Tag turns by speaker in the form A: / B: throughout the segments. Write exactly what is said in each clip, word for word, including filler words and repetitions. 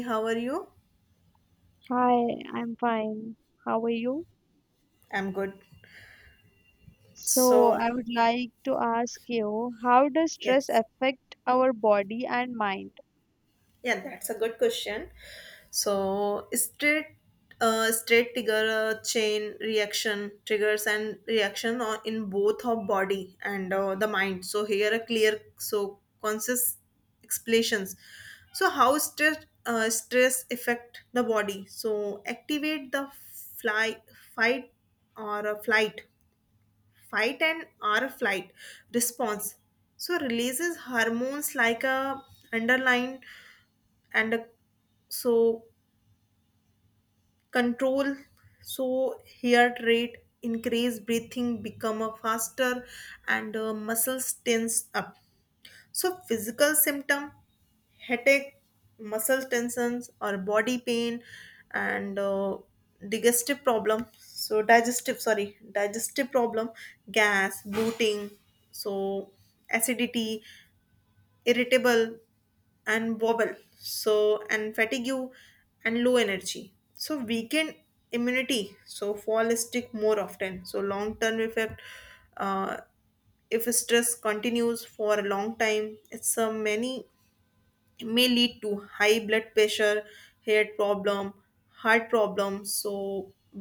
A: How are you?
B: Hi, I'm fine. How are you?
A: I'm good.
B: So,
A: So,
B: I would like to ask you, how does stress
A: yes.
B: affect our body and mind?
A: Yeah, that's a good question. So, straight uh, straight trigger uh, chain reaction triggers and reaction on- in both of body and uh, the mind. So here a clear so conscious explanations. So how stress uh, stress affect the body? So activate the fly fight or a flight fight and or a flight response, so releases hormones like a underline and a, so control so heart rate, increase breathing become a faster, and uh, muscles tense up. So, physical symptom, headache, muscle tensions, or body pain, and uh, digestive problem. So, digestive, sorry, digestive problem, gas, bloating, so acidity, irritable, and wobble. So, and fatigue and low energy. So, weakened immunity. So, fall sick more often. So, long term effect. Uh, if stress continues for a long time it's a many may lead to high blood pressure, hair problem, heart problem, so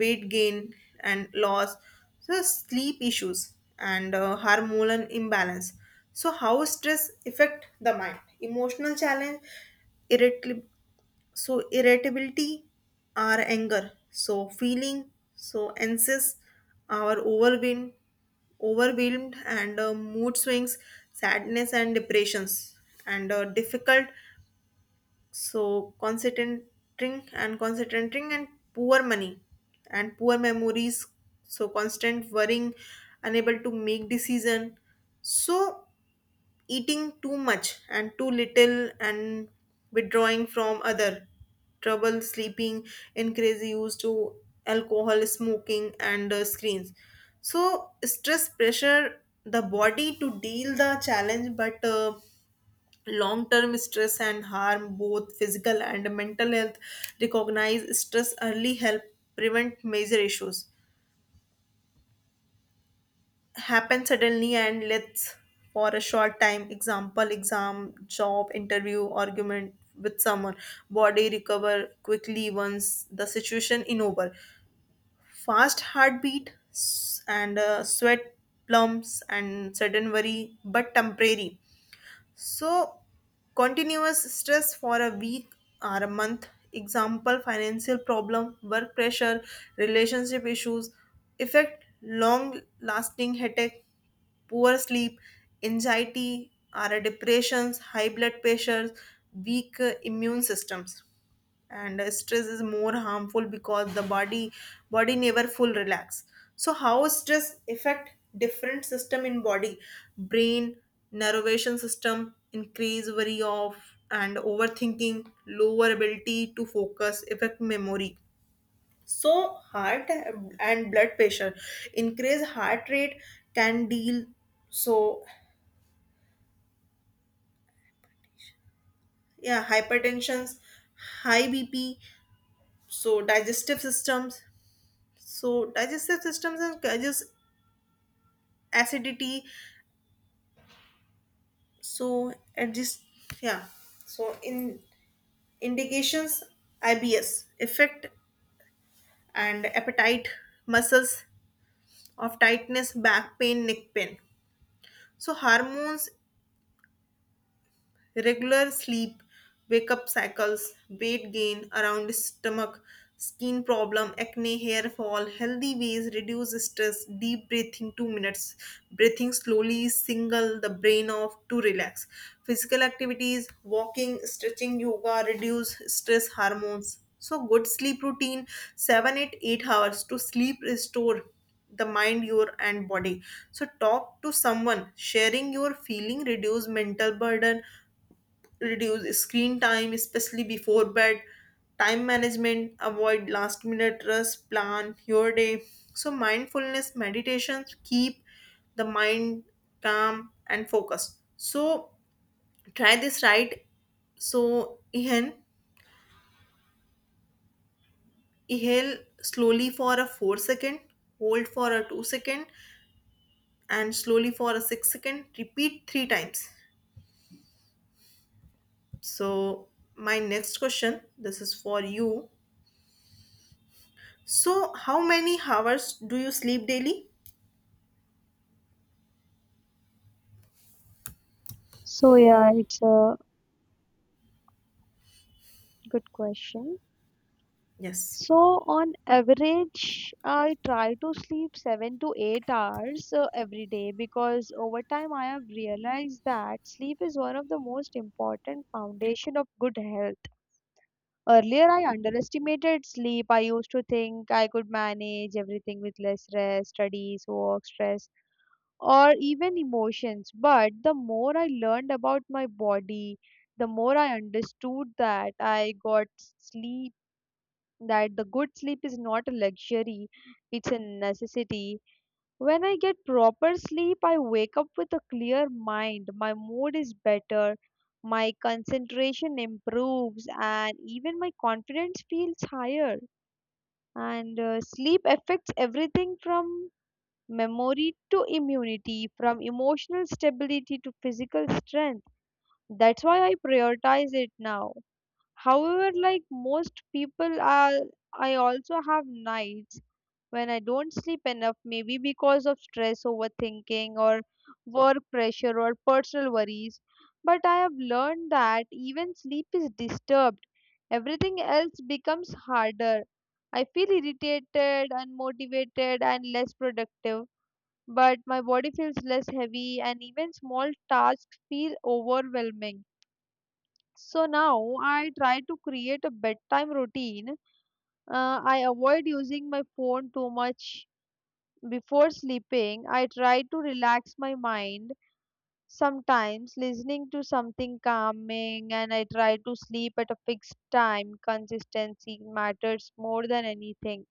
A: weight gain and loss, so sleep issues and uh, hormonal imbalance. So how stress affect the mind emotional challenge, irritability, so irritability our anger, so feeling so anxious our overwhelmed overwhelmed and uh, mood swings, sadness and depressions, and uh, difficult so concentrating and concentrating and poor money and poor memories, so constant worrying, unable to make decision, so eating too much and too little, and withdrawing from other, trouble sleeping, increase use to alcohol, smoking and uh, screens. So stress pressure the body to deal the challenge, but uh, long term stress and harm both physical and mental health. Recognize stress early help prevent major issues, happen suddenly and let's for a short time, example exam, job interview, argument with someone. Body recover quickly once the situation in over, fast heartbeat s- and uh, sweat plumps and sudden worry but temporary. So, continuous stress for a week or a month, example, financial problem, work pressure, relationship issues, affect long lasting headache, poor sleep, anxiety, or a depressions, high blood pressures, weak uh, immune systems, and uh, stress is more harmful because the body body never full relax. So how stress affect different system in body. Brain, nervation system, increase worry of and overthinking, lower ability to focus affect memory. So heart and blood pressure, increase heart rate, can deal. So, yeah, hypertensions, high b p. So digestive systems. So digestive systems and causes acidity. So and this, yeah. So in indications, I B S effect and appetite, muscles of tightness, back pain, neck pain. So hormones regular sleep, wake up cycles, weight gain around stomach, skin problem, acne, hair fall. Healthy ways, reduce stress, deep breathing two minutes, breathing slowly, single the brain off to relax. Physical activities, walking, stretching, yoga, reduce stress hormones. So good sleep routine seven eight eight hours to sleep restore the mind your and body. So talk to someone, sharing your feeling reduce mental burden. Reduce screen time, especially before bed. Time management, avoid last minute rush, plan your day. So, mindfulness meditations keep the mind calm and focused. So, try this right. So, inhale, inhale slowly for a four second, hold for a two second, and slowly for a six second. Repeat three times. So, my next question this is for you. So, how many hours do you sleep daily?
B: So, yeah, it's a good question.
A: Yes.
B: So, on average, I try to sleep seven to eight hours uh, every day because over time I have realized that sleep is one of the most important foundation of good health. Earlier, I underestimated sleep. I used to think I could manage everything with less rest, studies, work, stress, or even emotions. But the more I learned about my body, the more I understood that I got sleep, that the good sleep is not a luxury, it's a necessity. When I get proper sleep, I wake up with a clear mind. My mood is better, my concentration improves, and even my confidence feels higher. And uh, sleep affects everything from memory to immunity, from emotional stability to physical strength. That's why I prioritize it now. However, like most people, are, I also have nights when I don't sleep enough, maybe because of stress, overthinking, or work pressure, or personal worries. But I have learned that even sleep is disturbed, everything else becomes harder. I feel irritated, unmotivated, and less productive. But my body feels less heavy, and even small tasks feel overwhelming. So now I try to create a bedtime routine. Uh, I avoid using my phone too much before sleeping, I try to relax my mind, sometimes listening to something calming, and I try to sleep at a fixed time. Consistency matters more than anything.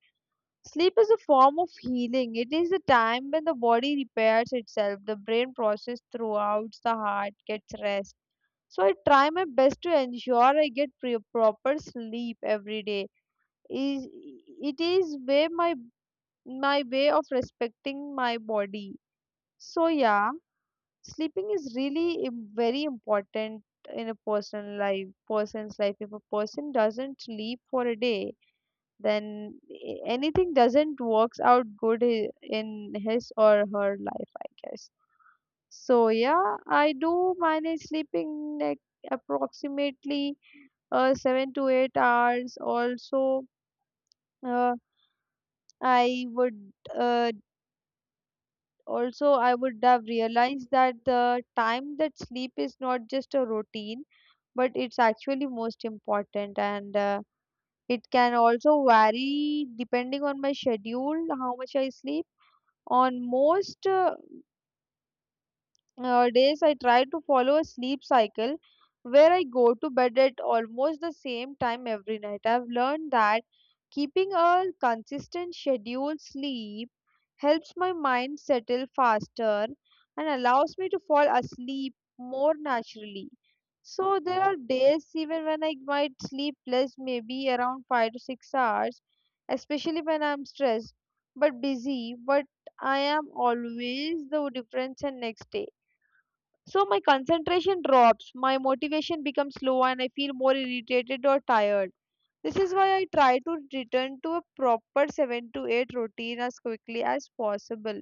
B: Sleep is a form of healing. It is the time when the body repairs itself, the brain process throughout, the heart gets rest. So I try my best to ensure I get pre- proper sleep every day. Is it is way my my way of respecting my body. So yeah, sleeping is really im- very important in a personal life, person's life. If a person doesn't sleep for a day, then a- anything doesn't works out good i- in his or her life, I guess. So yeah, I do manage sleeping like approximately uh, seven to eight hours. Also, uh, I would uh, Also, I would have realized that the time that sleep is not just a routine, but it's actually most important, and uh, it can also vary depending on my schedule, how much I sleep. On most uh, uh, days I try to follow a sleep cycle where I go to bed at almost the same time every night. I've learned that keeping a consistent scheduled sleep helps my mind settle faster and allows me to fall asleep more naturally. So there are days even when I might sleep less, maybe around five to six hours, especially when I'm stressed but busy. But I am always the difference and next day. So my concentration drops, my motivation becomes low, and I feel more irritated or tired. This is why I try to return to a proper seven to eight routine as quickly as possible.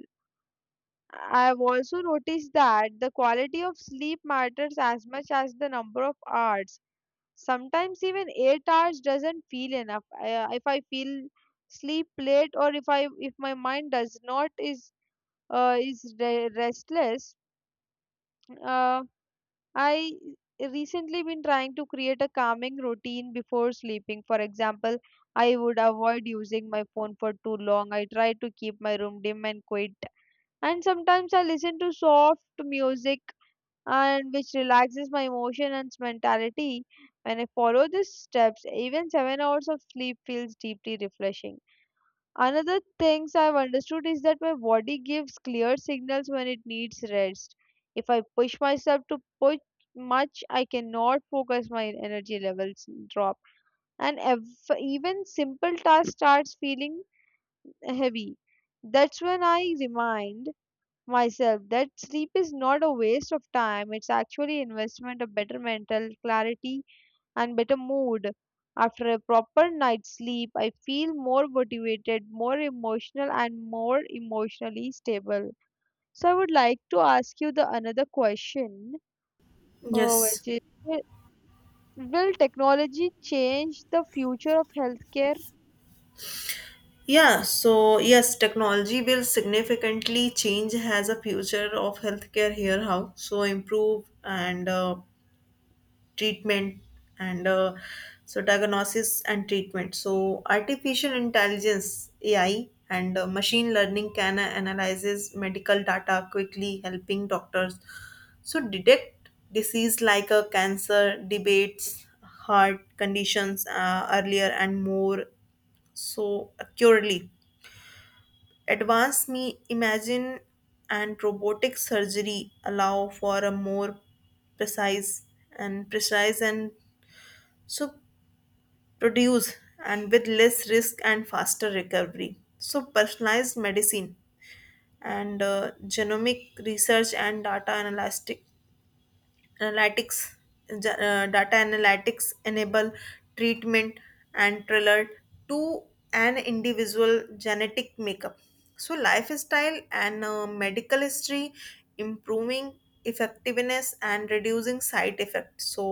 B: I have also noticed that the quality of sleep matters as much as the number of hours. Sometimes even eight hours doesn't feel enough. I, uh, if I feel sleep late or if I if my mind does not is uh, is re- restless, uh, I recently been trying to create a calming routine before sleeping. For example, I would avoid using my phone for too long. I try to keep my room dim and quiet. And sometimes I listen to soft music and which relaxes my emotion and mentality. When I follow these steps, even seven hours of sleep feels deeply refreshing. Another things I've understood is that my body gives clear signals when it needs rest. If I push myself to push much, I cannot focus, my energy levels drop. And ev- even simple task starts feeling heavy. That's when I remind myself that sleep is not a waste of time. It's actually investment of better mental clarity and better mood. After a proper night's sleep, I feel more motivated, more emotional, and more emotionally stable. So I would like to ask you the another question, uh,
A: Yes.
B: which is, wi- will technology change the future of healthcare?
A: Yeah, so yes, technology will significantly change as a future of healthcare, here how. So improve and uh, treatment and uh, so diagnosis and treatment. So artificial intelligence A I and uh, machine learning can analyzes medical data quickly helping doctors so detect disease like a cancer, debates, heart conditions uh, earlier and more so accurately. Advanced me imagine and robotic surgery allow for a more precise and precise and so produce and with less risk and faster recovery. So personalized medicine and uh, genomic research and data analytic analytics ge- uh, data analytics enable treatment and tailored to an individual genetic makeup, so lifestyle and uh, medical history, improving effectiveness and reducing side effects. So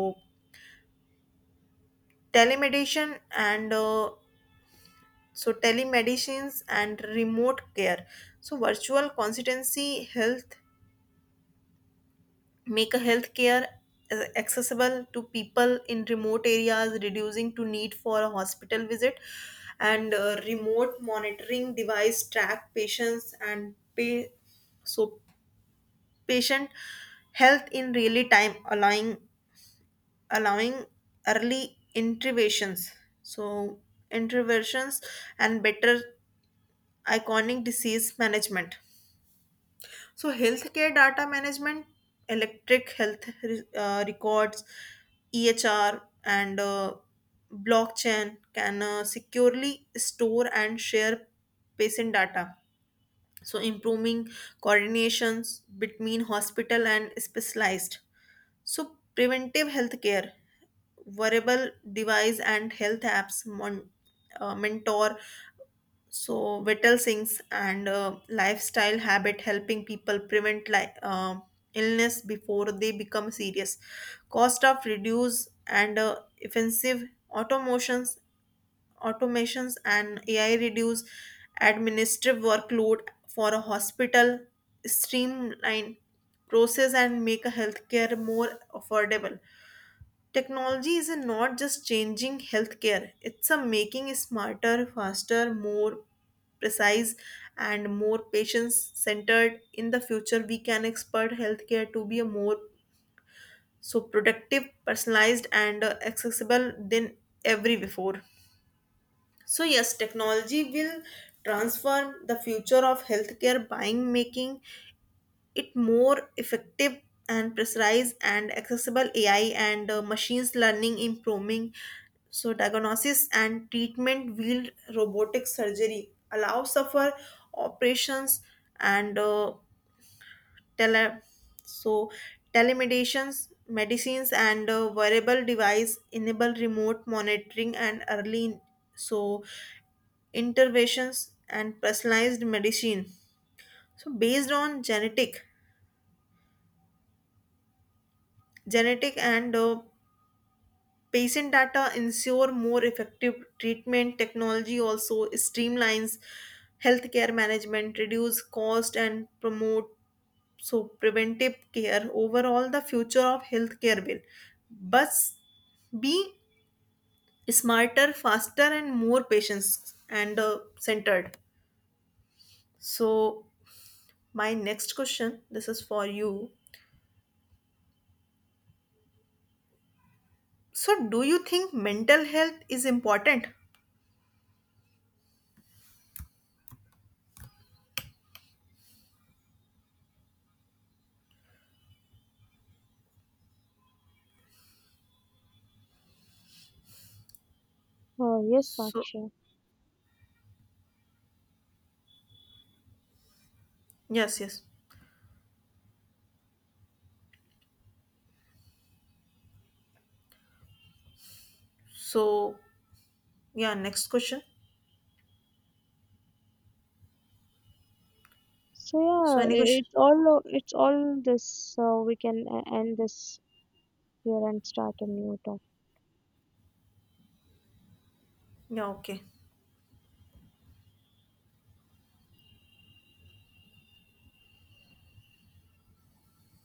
A: telemedicine and uh, so telemedicines and remote care. So virtual consultancy health make a healthcare uh, accessible to people in remote areas, reducing to need for a hospital visit, and uh, remote monitoring device track patients and pay so patient health in really time, allowing allowing early interventions, so interventions and better iconic disease management. So, healthcare data management, electric health re- uh, records, E H R, and uh, blockchain can uh, securely store and share patient data. So, improving coordinations between hospital and specialized. So, preventive healthcare, wearable device and health apps mon- uh, mentor so vital sinks and uh, lifestyle habit helping people prevent li- uh, illness before they become serious. Cost of reduce and uh, offensive automations, automations and A I reduce administrative workload for a hospital, streamline process and make a healthcare more affordable. Technology is not just changing healthcare, it's a making it smarter, faster, more precise, and more patient centered. In the future, we can expect healthcare to be a more so productive, personalized, and uh, accessible than ever before. So, yes, technology will transform the future of healthcare buying making it more effective and precise and accessible. A I and uh, machines learning improving. So diagnosis and treatment wheeled robotic surgery allow suffer operations and uh, tele so telemedicines medicines and uh, wearable device enable remote monitoring and early so interventions and personalized medicine so based on genetic genetic and uh, patient data ensure more effective treatment. Technology also streamlines healthcare management, reduce cost, and promote so preventive care. Overall, the future of healthcare will but be smarter, faster, and more patients and uh, centered. So, my next question this is for you. So, do you think mental health is important?
B: Oh, yes,
A: So,
B: Saksha.
A: yes, yes. So, yeah, next question.
B: So
A: So
B: yeah, i-
A: any question?
B: it's all it's all this. So we can uh, end this here and start a new topic.
A: Yeah, okay.